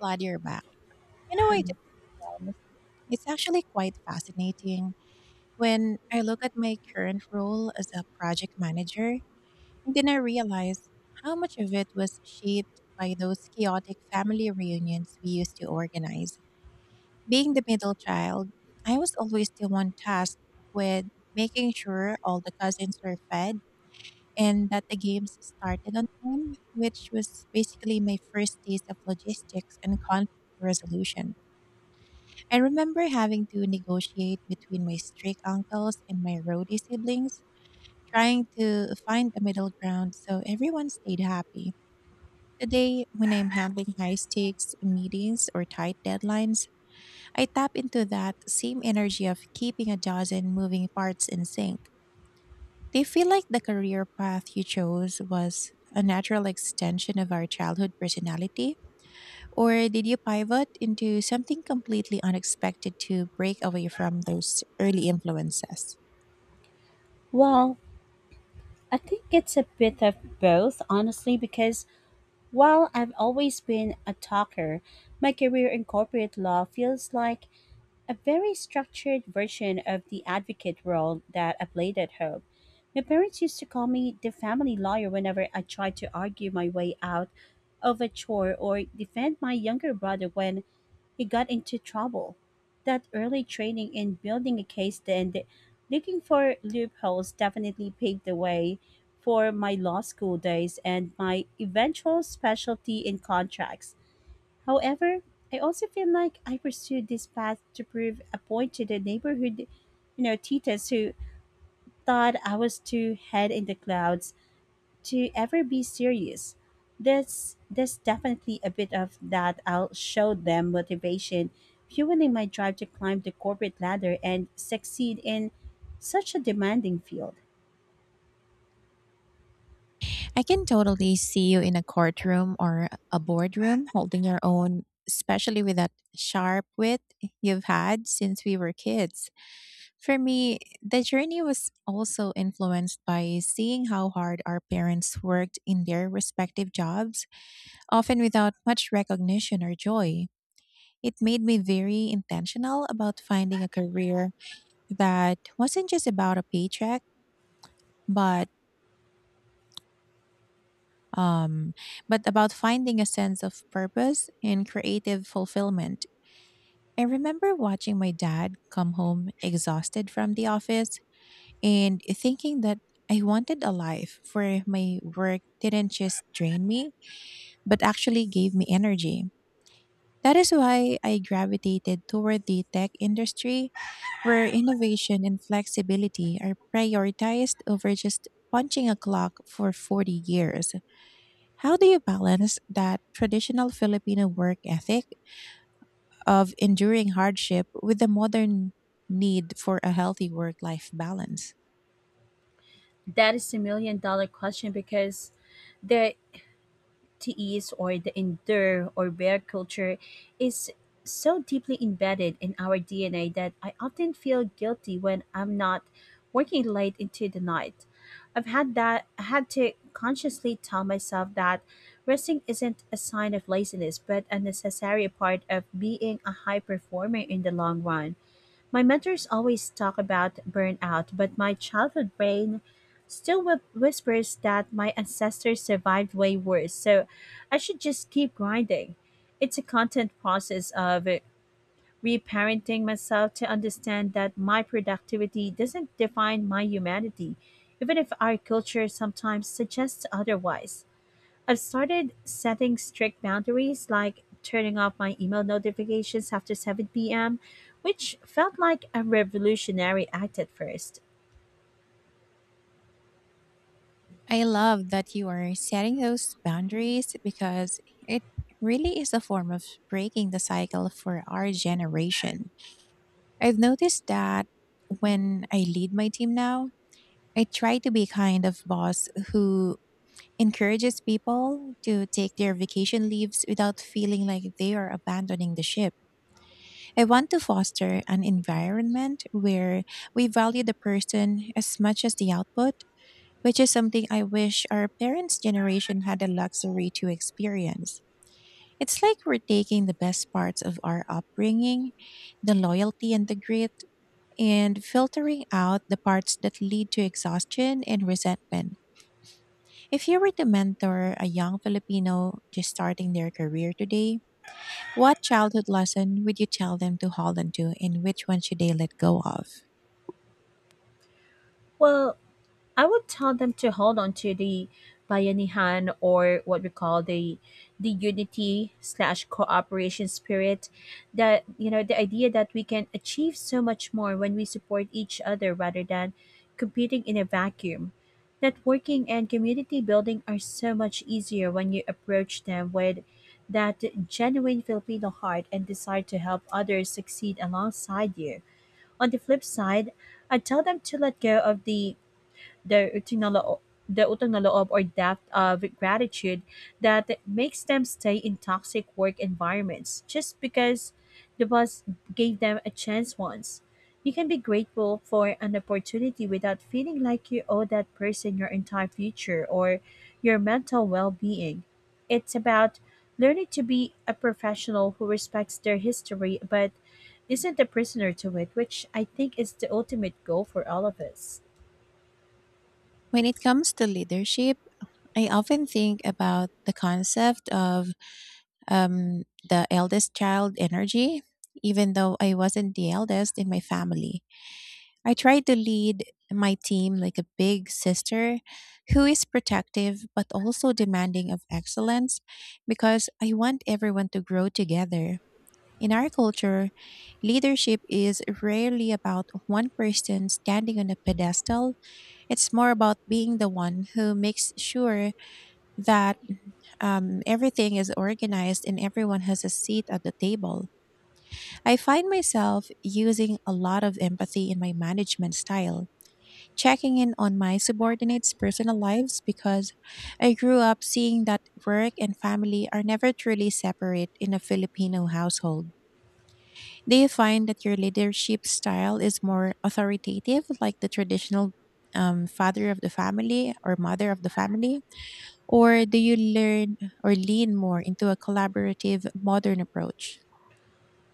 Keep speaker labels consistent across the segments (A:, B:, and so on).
A: Glad you're back. You know, I just, it's actually quite fascinating when I look at my current role as a project manager, and then I realize how much of it was shaped by those chaotic family reunions we used to organize. Being the middle child, I was always the one tasked with making sure all the cousins were fed and that the games started on time, which was basically my first taste of logistics and conflict resolution. I remember having to negotiate between my strict uncles and my roadie siblings, trying to find a middle ground so everyone stayed happy. Today, when I'm handling high stakes meetings or tight deadlines, I tap into that same energy of keeping a dozen moving parts in sync. They feel like the career path you chose was a natural extension of our childhood personality, or did you pivot into something completely unexpected to break away from those early influences?
B: Well, I think it's a bit of both, honestly, because while I've always been a talker, my career in corporate law feels like a very structured version of the advocate role that I played at home. My parents used to call me the family lawyer whenever I tried to argue my way out of a chore or defend my younger brother when he got into trouble. That early training in building a case and looking for loopholes definitely paved the way for my law school days and my eventual specialty in contracts. However, I also feel like I pursued this path to prove a point to the neighborhood, titas who thought I was too head in the clouds to ever be serious. There's definitely a bit of that. I'll show them motivation, fueling my drive to climb the corporate ladder and succeed in such a demanding field.
A: I can totally see you in a courtroom or a boardroom holding your own, especially with that sharp wit you've had since we were kids. For me, the journey was also influenced by seeing how hard our parents worked in their respective jobs, often without much recognition or joy. It made me very intentional about finding a career that wasn't just about a paycheck, but um, but about finding a sense of purpose and creative fulfillment. I remember watching my dad come home exhausted from the office and thinking that I wanted a life where my work didn't just drain me, but actually gave me energy. That is why I gravitated toward the tech industry, where innovation and flexibility are prioritized over just punching a clock for 40 years. How do you balance that traditional Filipino work ethic of enduring hardship with the modern need for a healthy work life balance?
B: That is a million dollar question because there teas, or the endure or bear culture, is so deeply embedded in our DNA that I often feel guilty when I'm not working late into the night. I had to consciously tell myself that resting isn't a sign of laziness but a necessary part of being a high performer in the long run. My mentors always talk about burnout, but my childhood brain still whispers that my ancestors survived way worse, so I should just keep grinding. It's a constant process of reparenting myself to understand that my productivity doesn't define my humanity, even if our culture sometimes suggests otherwise. I've started setting strict boundaries, like turning off my email notifications after 7 p.m., which felt like a revolutionary act at first.
A: I love that you are setting those boundaries, because it really is a form of breaking the cycle for our generation. I've noticed that when I lead my team now, I try to be kind of boss who encourages people to take their vacation leaves without feeling like they are abandoning the ship. I want to foster an environment where we value the person as much as the output, which is something I wish our parents' generation had the luxury to experience. It's like we're taking the best parts of our upbringing, the loyalty and the grit, and filtering out the parts that lead to exhaustion and resentment. If you were to mentor a young Filipino just starting their career today, what childhood lesson would you tell them to hold on to, and which one should they let go of?
B: Well, I would tell them to hold on to the bayanihan, or what we call the unity slash cooperation spirit, that the idea that we can achieve so much more when we support each other rather than competing in a vacuum. Networking and community building are so much easier when you approach them with that genuine Filipino heart and desire to help others succeed alongside you. On the flip side, I tell them to let go of their utang na loob, the utang na loob, or depth of gratitude, that makes them stay in toxic work environments just because the boss gave them a chance once. You can be grateful for an opportunity without feeling like you owe that person your entire future or your mental well being. It's about learning to be a professional who respects their history but isn't a prisoner to it, which I think is the ultimate goal for all of us.
A: When it comes to leadership, I often think about the concept of um, the eldest child energy, even though I wasn't the eldest in my family. I try to lead my team like a big sister who is protective but also demanding of excellence, because I want everyone to grow together. In our culture, leadership is rarely about one person standing on a pedestal. It's more about being the one who makes sure that everything is organized and everyone has a seat at the table. I find myself using a lot of empathy in my management style, checking in on my subordinates' personal lives, because I grew up seeing that work and family are never truly separate in a Filipino household. Do you find that your leadership style is more authoritative, like the traditional father of the family or mother of the family? Or do you learn or lean more into a collaborative, modern approach?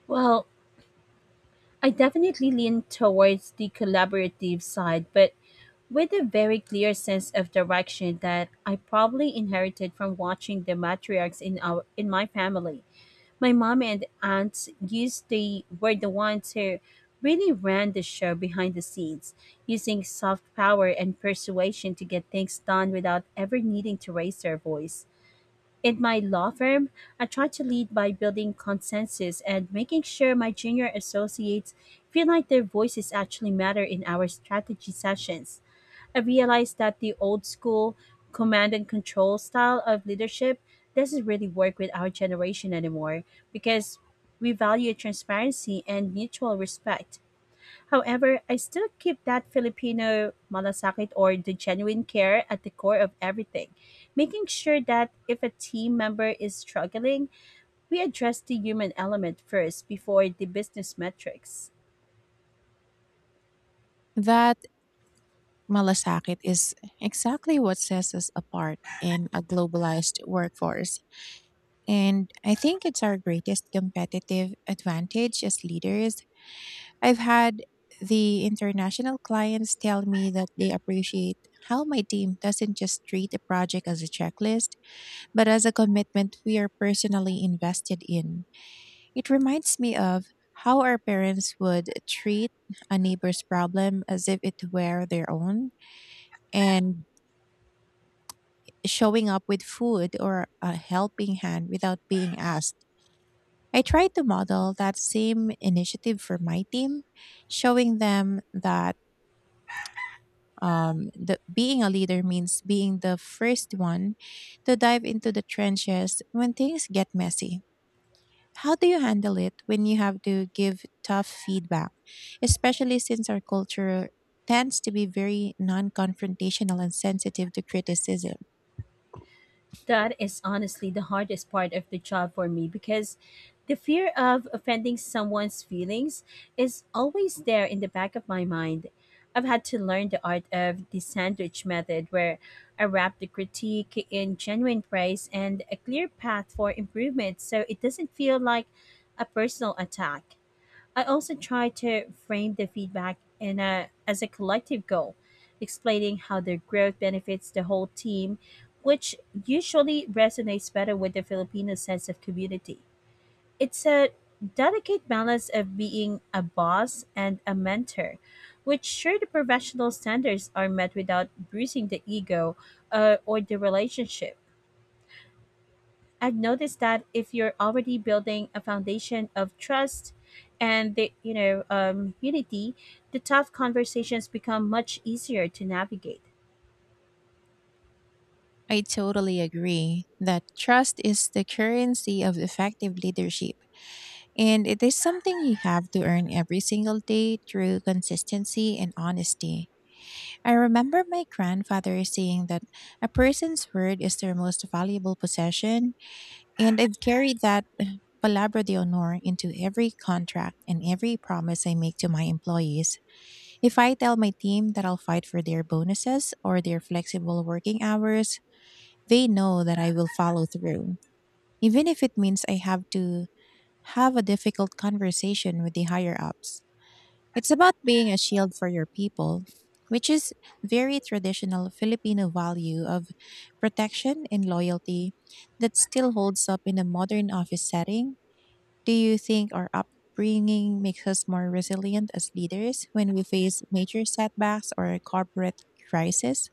B: Well, I definitely lean towards the collaborative side, but with a very clear sense of direction that I probably inherited from watching the matriarchs in my family. My mom and aunts used the were the ones who really ran the show behind the scenes, using soft power and persuasion to get things done without ever needing to raise their voice. In my law firm, I try to lead by building consensus and making sure my junior associates feel like their voices actually matter in our strategy sessions. I realized that the old school command and control style of leadership doesn't really work with our generation anymore, because we value transparency and mutual respect. However, I still keep that Filipino malasakit, or the genuine care, at the core of everything, making sure that if a team member is struggling, we address the human element first before the business metrics.
A: That malasakit is exactly what sets us apart in a globalized workforce. And I think it's our greatest competitive advantage as leaders. I've had the international clients tell me that they appreciate how my team doesn't just treat a project as a checklist, but as a commitment we are personally invested in. It reminds me of how our parents would treat a neighbor's problem as if it were their own, and showing up with food or a helping hand without being asked. I tried to model that same initiative for my team, showing them that being a leader means being the first one to dive into the trenches when things get messy. How do you handle it when you have to give tough feedback, especially since our culture tends to be very non confrontational and sensitive to criticism?
B: That is honestly the hardest part of the job for me because the fear of offending someone's feelings is always there in the back of my mind. I've had to learn the art of the sandwich method, where I wrap the critique in genuine praise and a clear path for improvement so it doesn't feel like a personal attack. I also try to frame the feedback as a collective goal, explaining how their growth benefits the whole team, which usually resonates better with the Filipino sense of community. It's a delicate balance of being a boss and a mentor, which sure the professional standards are met without bruising the ego or the relationship. I've noticed that if you're already building a foundation of trust and the, you know unity, the tough conversations become much easier to navigate.
A: I totally agree that trust is the currency of effective leadership, and it is something you have to earn every single day through consistency and honesty. I remember my grandfather saying that a person's word is their most valuable possession, and I've carried that palabra de honor into every contract and every promise I make to my employees. If I tell my team that I'll fight for their bonuses or their flexible working hours, they know that I will follow through, even if it means I have to have a difficult conversation with the higher ups. It's about being a shield for your people, which is very traditional Filipino value of protection and loyalty that still holds up in a modern office setting. Do you think our upbringing makes us more resilient as leaders when we face major setbacks or corporate crisis?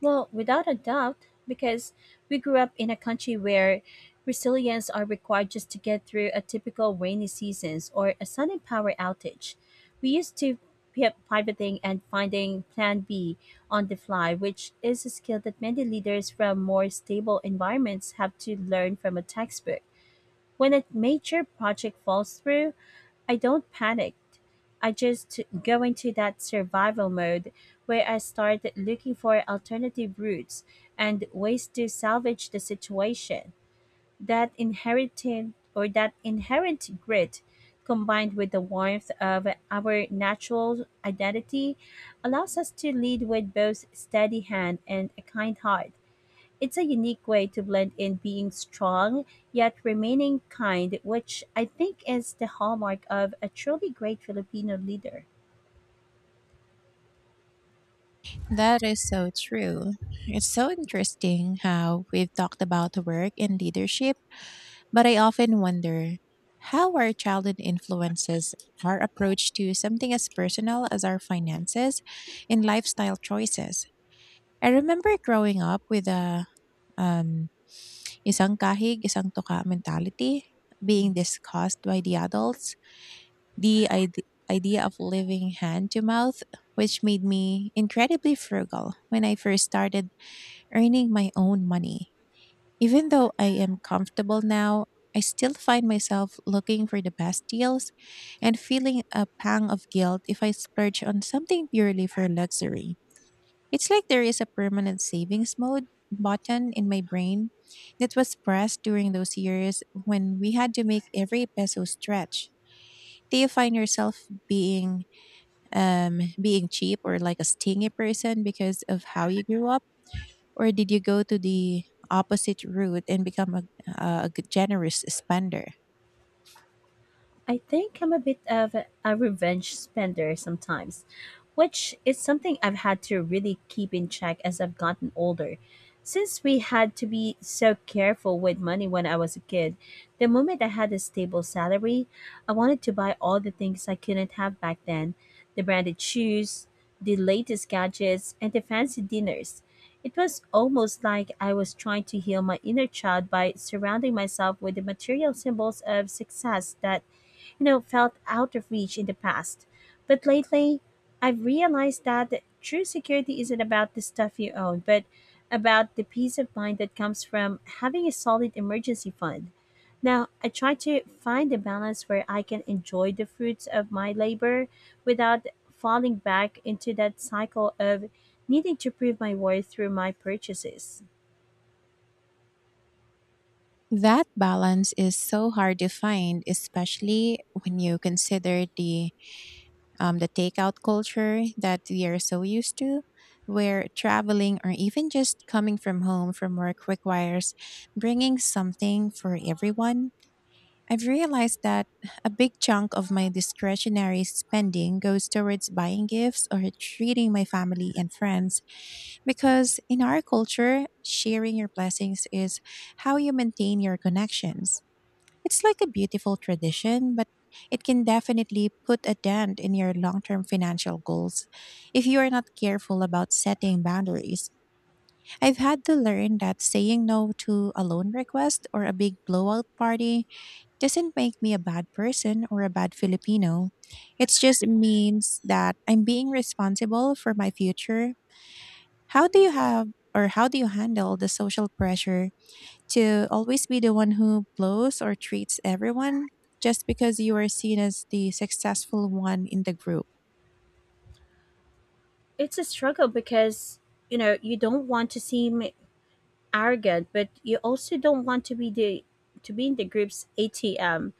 B: Well, without a doubt, because we grew up in a country where resilience are required just to get through a typical rainy seasons or a sudden power outage. We used to pivoting and finding plan B on the fly, which is a skill that many leaders from more stable environments have to learn from a textbook. When a major project falls through, I don't panic. I just go into that survival mode, where I start looking for alternative routes and ways to salvage the situation. That inherited, or that inherent grit, combined with the warmth of our natural identity, allows us to lead with both steady hand and a kind heart. It's a unique way to blend in being strong yet remaining kind, which I think is the hallmark of a truly great Filipino leader.
A: That is so true. It's so interesting how we've talked about work and leadership, but I often wonder how our childhood influences our approach to something as personal as our finances and lifestyle choices. I remember growing up with a um, isang kahig, isang toka mentality being discussed by the adults. The idea of living hand to mouth, which made me incredibly frugal when I first started earning my own money. Even though I am comfortable now, I still find myself looking for the best deals and feeling a pang of guilt if I splurge on something purely for luxury. It's like there is a permanent savings mode button in my brain that was pressed during those years when we had to make every peso stretch. Do you find yourself being cheap or like a stingy person because of how you grew up? Or did you go to the opposite route and become a generous spender?
B: I think I'm a bit of a revenge spender sometimes, which is something I've had to really keep in check as I've gotten older. Since we had to be so careful with money when I was a kid, the moment I had a stable salary, I wanted to buy all the things I couldn't have back then: the branded shoes, the latest gadgets, and the fancy dinners. It was almost like I was trying to heal my inner child by surrounding myself with the material symbols of success that, felt out of reach in the past. But lately, I've realized that true security isn't about the stuff you own, but about the peace of mind that comes from having a solid emergency fund. Now, I try to find a balance where I can enjoy the fruits of my labor without falling back into that cycle of needing to prove my worth through my purchases.
A: That balance is so hard to find, especially when you consider the takeout culture that we are so used to, where traveling or even just coming from home from work requires bringing something for everyone. I've realized that a big chunk of my discretionary spending goes towards buying gifts or treating my family and friends, because in our culture, sharing your blessings is how you maintain your connections. It's like a beautiful tradition, but it can definitely put a dent in your long term financial goals if you are not careful about setting boundaries. I've had to learn that saying no to a loan request or a big blowout party doesn't make me a bad person or a bad Filipino. It just means that I'm being responsible for my future. How do you have or how do you handle the social pressure to always be the one who blows or treats everyone just because you are seen as the successful one in the group?
B: It's a struggle because, you don't want to seem arrogant, but you also don't want to be in the group's ATM.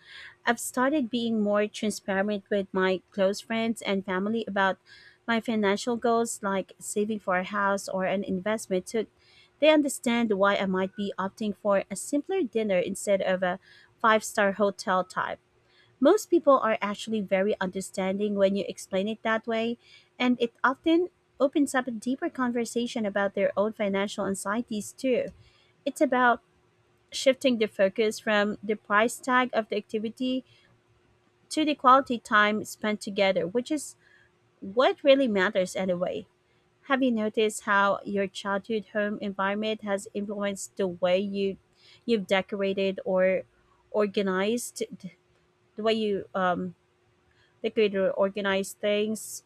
B: I've started being more transparent with my close friends and family about my financial goals, like saving for a house or an investment, so they understand why I might be opting for a simpler dinner instead of a five-star hotel type. Most people are actually very understanding when you explain it that way, and it often opens up a deeper conversation about their own financial anxieties, too. It's about shifting the focus from the price tag of the activity to the quality time spent together, which is what really matters anyway. Have you noticed how your childhood home environment has influenced the way you've decorated or organized, the way you decorate or organize things?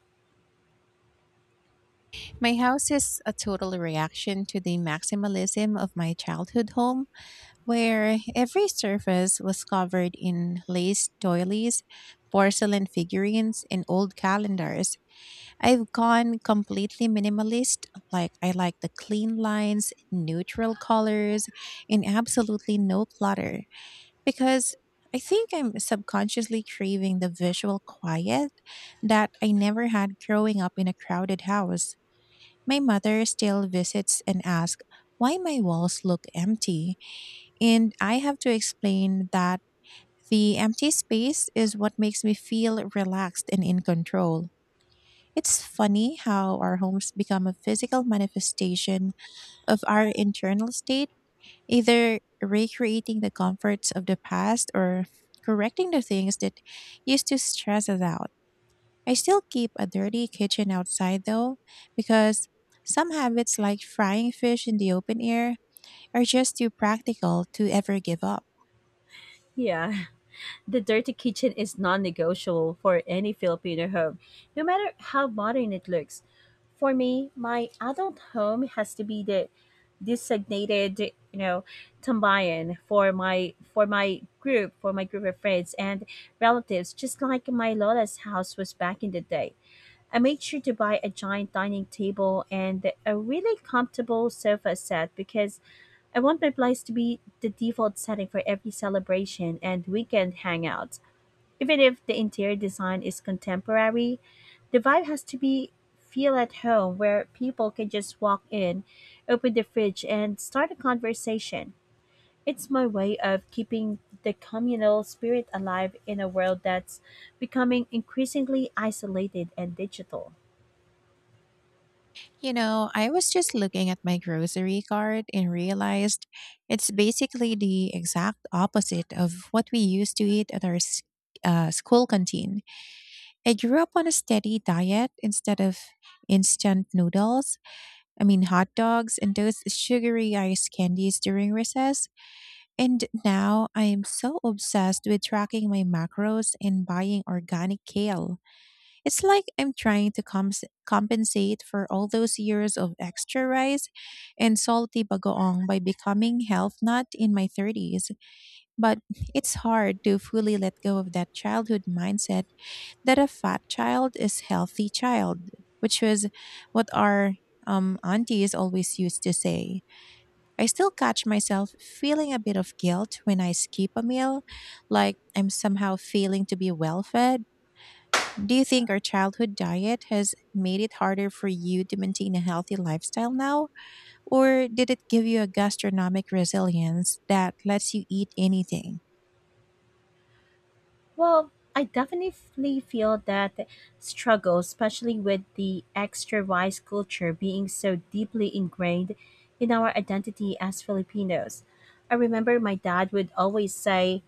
A: My house is a total reaction to the maximalism of my childhood home, where every surface was covered in lace doilies, porcelain figurines, and old calendars. I've gone completely minimalist. Like, I like the clean lines, neutral colors, and absolutely no clutter, because I think I'm subconsciously craving the visual quiet that I never had growing up in a crowded house. My mother still visits and asks why my walls look empty, and I have to explain that the empty space is what makes me feel relaxed and in control. It's funny how our homes become a physical manifestation of our internal state, either recreating the comforts of the past or correcting the things that used to stress us out. I still keep a dirty kitchen outside though, because some habits like frying fish in the open air are just too practical to ever give up.
B: Yeah. The dirty kitchen is non negotiable for any Filipino home, no matter how modern it looks. For me, my adult home has to be the designated, you know, tambayan for my group of friends and relatives, just like my Lola's house was back in the day. I made sure to buy a giant dining table and a really comfortable sofa set because I want my place to be the default setting for every celebration and weekend hangout. Even if the interior design is contemporary, the vibe has to be feel at home, where people can just walk in, open the fridge, and start a conversation. It's my way of keeping the communal spirit alive in a world that's becoming increasingly isolated and digital.
A: You know, I was just looking at my grocery cart and realized it's basically the exact opposite of what we used to eat at our school canteen. I grew up on a steady diet instead of instant noodles, I mean, hot dogs and those sugary ice candies during recess. And now I am so obsessed with tracking my macros and buying organic kale. It's like I'm trying to compensate for all those years of extra rice and salty bagoong by becoming health nut in my 30s. But it's hard to fully let go of that childhood mindset that a fat child is healthy child, which was what our aunties always used to say. I still catch myself feeling a bit of guilt when I skip a meal, like I'm somehow failing to be well fed. Do you think our childhood diet has made it harder for you to maintain a healthy lifestyle now? Or did it give you a gastronomic resilience that lets you eat anything?
B: Well, I definitely feel that struggle, especially with the extra rice culture being so deeply ingrained in our identity as Filipinos. I remember my dad would always say,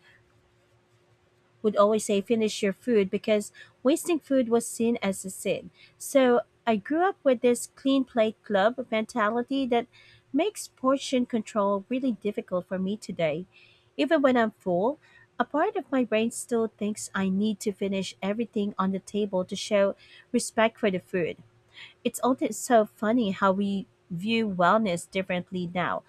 B: would always say finish your food, because wasting food was seen as a sin. So I grew up with this clean plate club mentality that makes portion control really difficult for me today. Even when I'm full, a part of my brain still thinks I need to finish everything on the table to show respect for the food. It's also so funny how we view wellness differently now.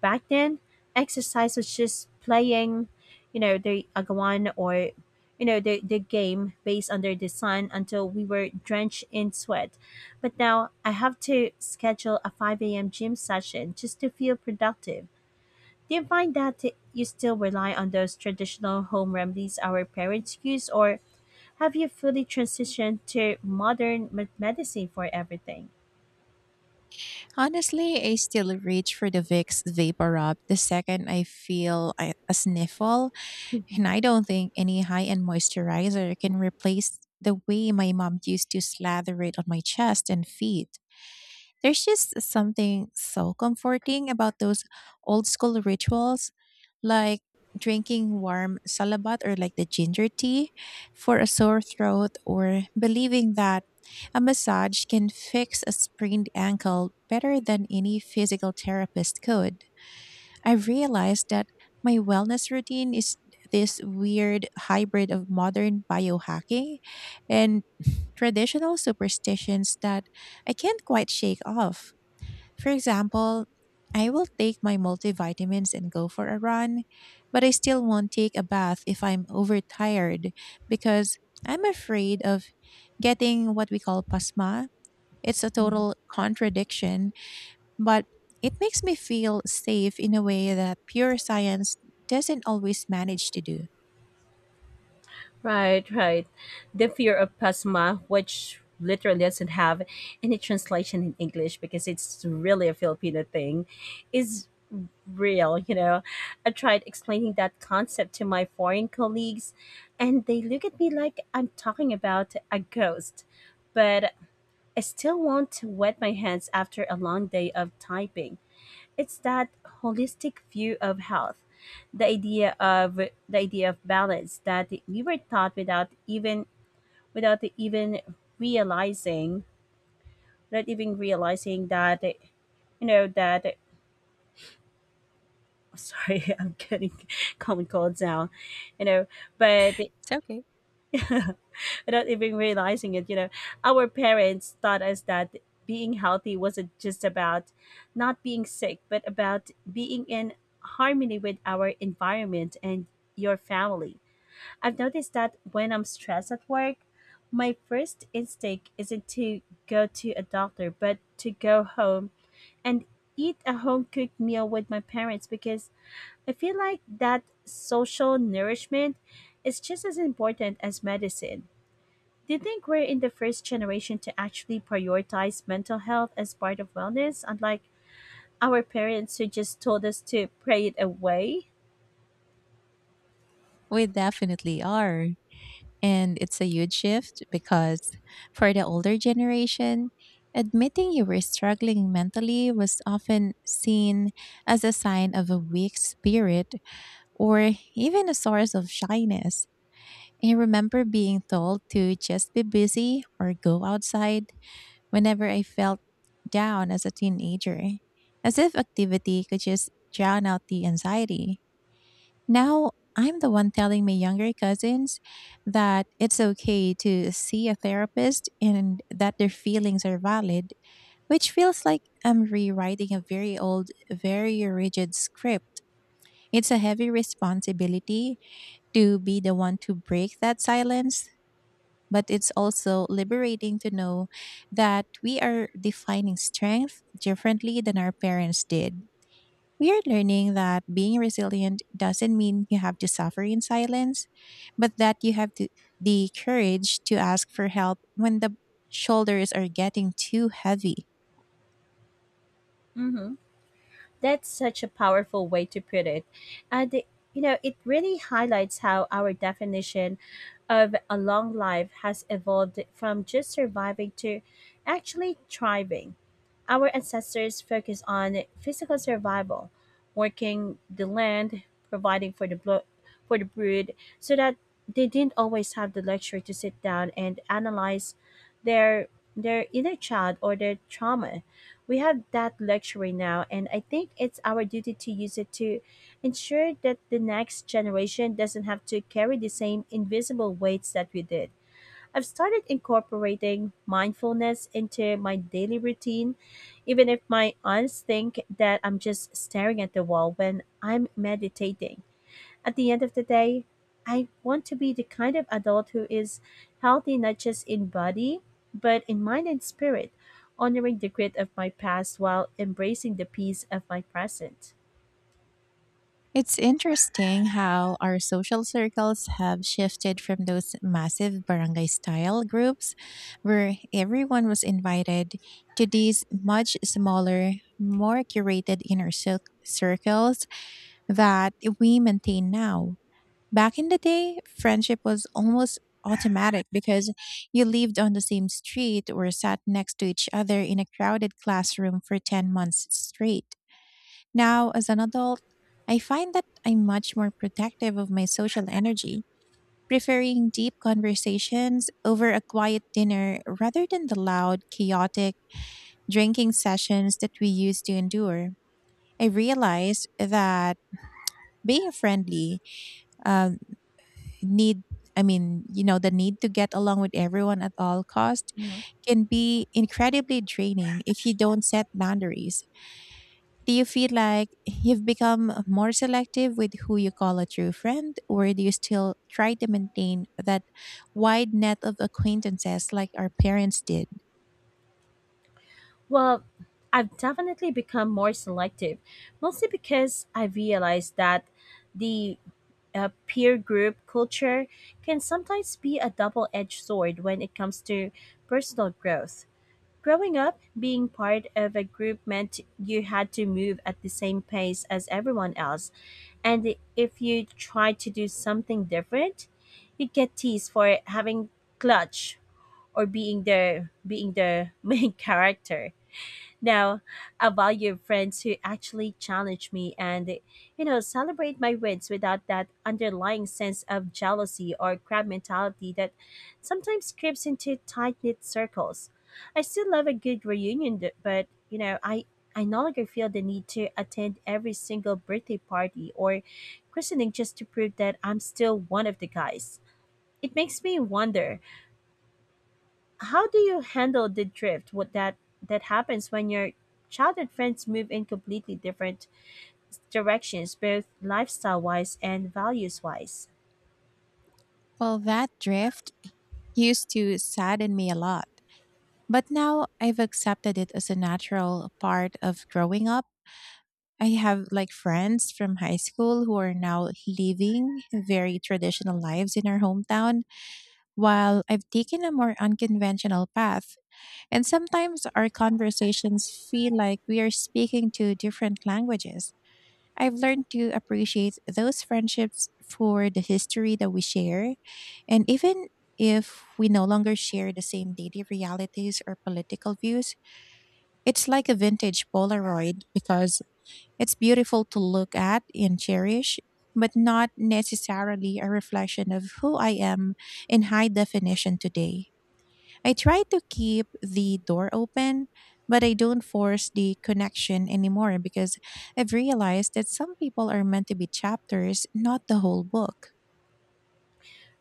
B: Back then, exercise was just playing, the agawan, or the game based under the sun, until we were drenched in sweat. But now I have to schedule a 5 a.m. gym session just to feel productive. Do you find that you still rely on those traditional home remedies our parents use, or have you fully transitioned to modern medicine for everything?
A: Honestly, I still reach for the Vicks Vapor Rub the second I feel a sniffle, and I don't think any high end moisturizer can replace the way my mom used to slather it on my chest and feet. There's just something so comforting about those old school rituals, like drinking warm salabat or like the ginger tea for a sore throat, or believing that a massage can fix a sprained ankle better than any physical therapist could. I realized that my wellness routine is this weird hybrid of modern biohacking and traditional superstitions that I can't quite shake off. For example, I will take my multivitamins and go for a run, but I still won't take a bath if I'm overtired because I'm afraid of getting what we call pasma. It's a total contradiction, but it makes me feel safe in a way that pure science doesn't always manage to do.
B: Right, right. The fear of pasma, which literally doesn't have any translation in English because it's really a Filipino thing, is real, you know. I tried explaining that concept to my foreign colleagues and they look at me like I'm talking about a ghost. But I still want to wet my hands after a long day of typing. It's that holistic view of health, the idea of balance that we were taught without even realizing, not even realizing that you know that sorry, I'm getting common cold now, you know, but
A: It's okay.
B: without even realizing it. Our parents taught us that being healthy wasn't just about not being sick, but about being in harmony with our environment and your family. I've noticed that when I'm stressed at work, my first instinct isn't to go to a doctor, but to go home and eat a home cooked meal with my parents because I feel like that social nourishment is just as important as medicine. Do you think we're in the first generation to actually prioritize mental health as part of wellness, unlike our parents who just told us to pray it away?
A: We definitely are. And it's a huge shift because for the older generation, admitting you were struggling mentally was often seen as a sign of a weak spirit or even a source of shyness. I remember being told to just be busy or go outside whenever I felt down as a teenager, as if activity could just drown out the anxiety. Now I'm the one telling my younger cousins that it's okay to see a therapist and that their feelings are valid, which feels like I'm rewriting a very old, very rigid script. It's a heavy responsibility to be the one to break that silence, but it's also liberating to know that we are defining strength differently than our parents did. We are learning that being resilient doesn't mean you have to suffer in silence, but that you have to, the courage to ask for help when the shoulders are getting too heavy.
B: Hmm. That's such a powerful way to put it. And it really highlights how our definition of a long life has evolved from just surviving to actually thriving. Our ancestors focused on physical survival, working the land, providing for the for the brood, so that they didn't always have the luxury to sit down and analyze their their inner child or their trauma. We have that luxury now, and I think it's our duty to use it to ensure that the next generation doesn't have to carry the same invisible weights that we did. I've started incorporating mindfulness into my daily routine, even if my aunts think that I'm just staring at the wall when I'm meditating. At the end of the day, I want to be the kind of adult who is healthy not just in body, but in mind and spirit, honoring the grit of my past while embracing the peace of my present.
A: It's interesting how our social circles have shifted from those massive barangay style groups where everyone was invited to these much smaller, more curated circles that we maintain now. Back in the day, friendship was almost automatic because you lived on the same street or sat next to each other in a crowded classroom for 10 months straight. Now, as an adult, I find that I'm much more protective of my social energy, preferring deep conversations over a quiet dinner rather than the loud, chaotic drinking sessions that we used to endure. I realized that being friendly, um, need I mean you know, the need to get along with everyone at all cost
B: Mhm.
A: can be incredibly draining if you don't set boundaries. Do you feel like you've become more selective with who you call a true friend, or do you still try to maintain that wide net of acquaintances like our parents did?
B: Well, I've definitely become more selective, mostly because I realized that the peer group culture can sometimes be a double edged sword when it comes to personal growth. Growing up, being part of a group meant you had to move at the same pace as everyone else. And if you tried to do something different, you'd get teased for having clutch or being the main character. Now, I value friends who actually challenge me and, you know, celebrate my wins without that underlying sense of jealousy or crab mentality that sometimes creeps into tight knit circles. I still love a good reunion, but, you know, I no longer feel the need to attend every single birthday party or christening just to prove that I'm still one of the guys. It makes me wonder, how do you handle the drift? What that that happens when your childhood friends move in completely different directions, both lifestyle wise and values wise?
A: Well, that drift used to sadden me a lot. But now I've accepted it as a natural part of growing up. I have like friends from high school who are now living very traditional lives in our hometown, while I've taken a more unconventional path. And sometimes our conversations feel like we are speaking two different languages. I've learned to appreciate those friendships for the history that we share. And even if we no longer share the same daily realities or political views, it's like a vintage Polaroid because it's beautiful to look at and cherish, but not necessarily a reflection of who I am in high definition today. I try to keep the door open, but I don't force the connection anymore because I've realized that some people are meant to be chapters, not the whole book.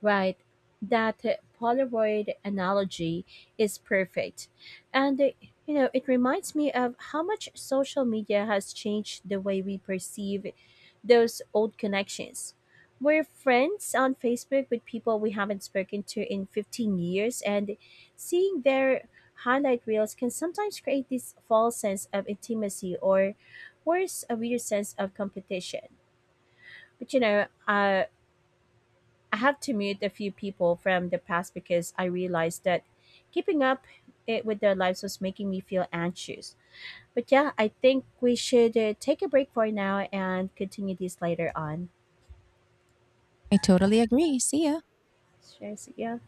B: Right. That Polaroid analogy is perfect. And, you know, it reminds me of how much social media has changed the way we perceive those old connections. We're friends on Facebook with people we haven't spoken to in 15 years, and seeing their highlight reels can sometimes create this false sense of intimacy or worse, a weird sense of competition. But, you know, I have to mute a few people from the past because I realized that keeping up it with their lives was making me feel anxious. But yeah, I think we should take a break for now and continue this later on.
A: I totally agree. See ya.
B: Sure, so yeah.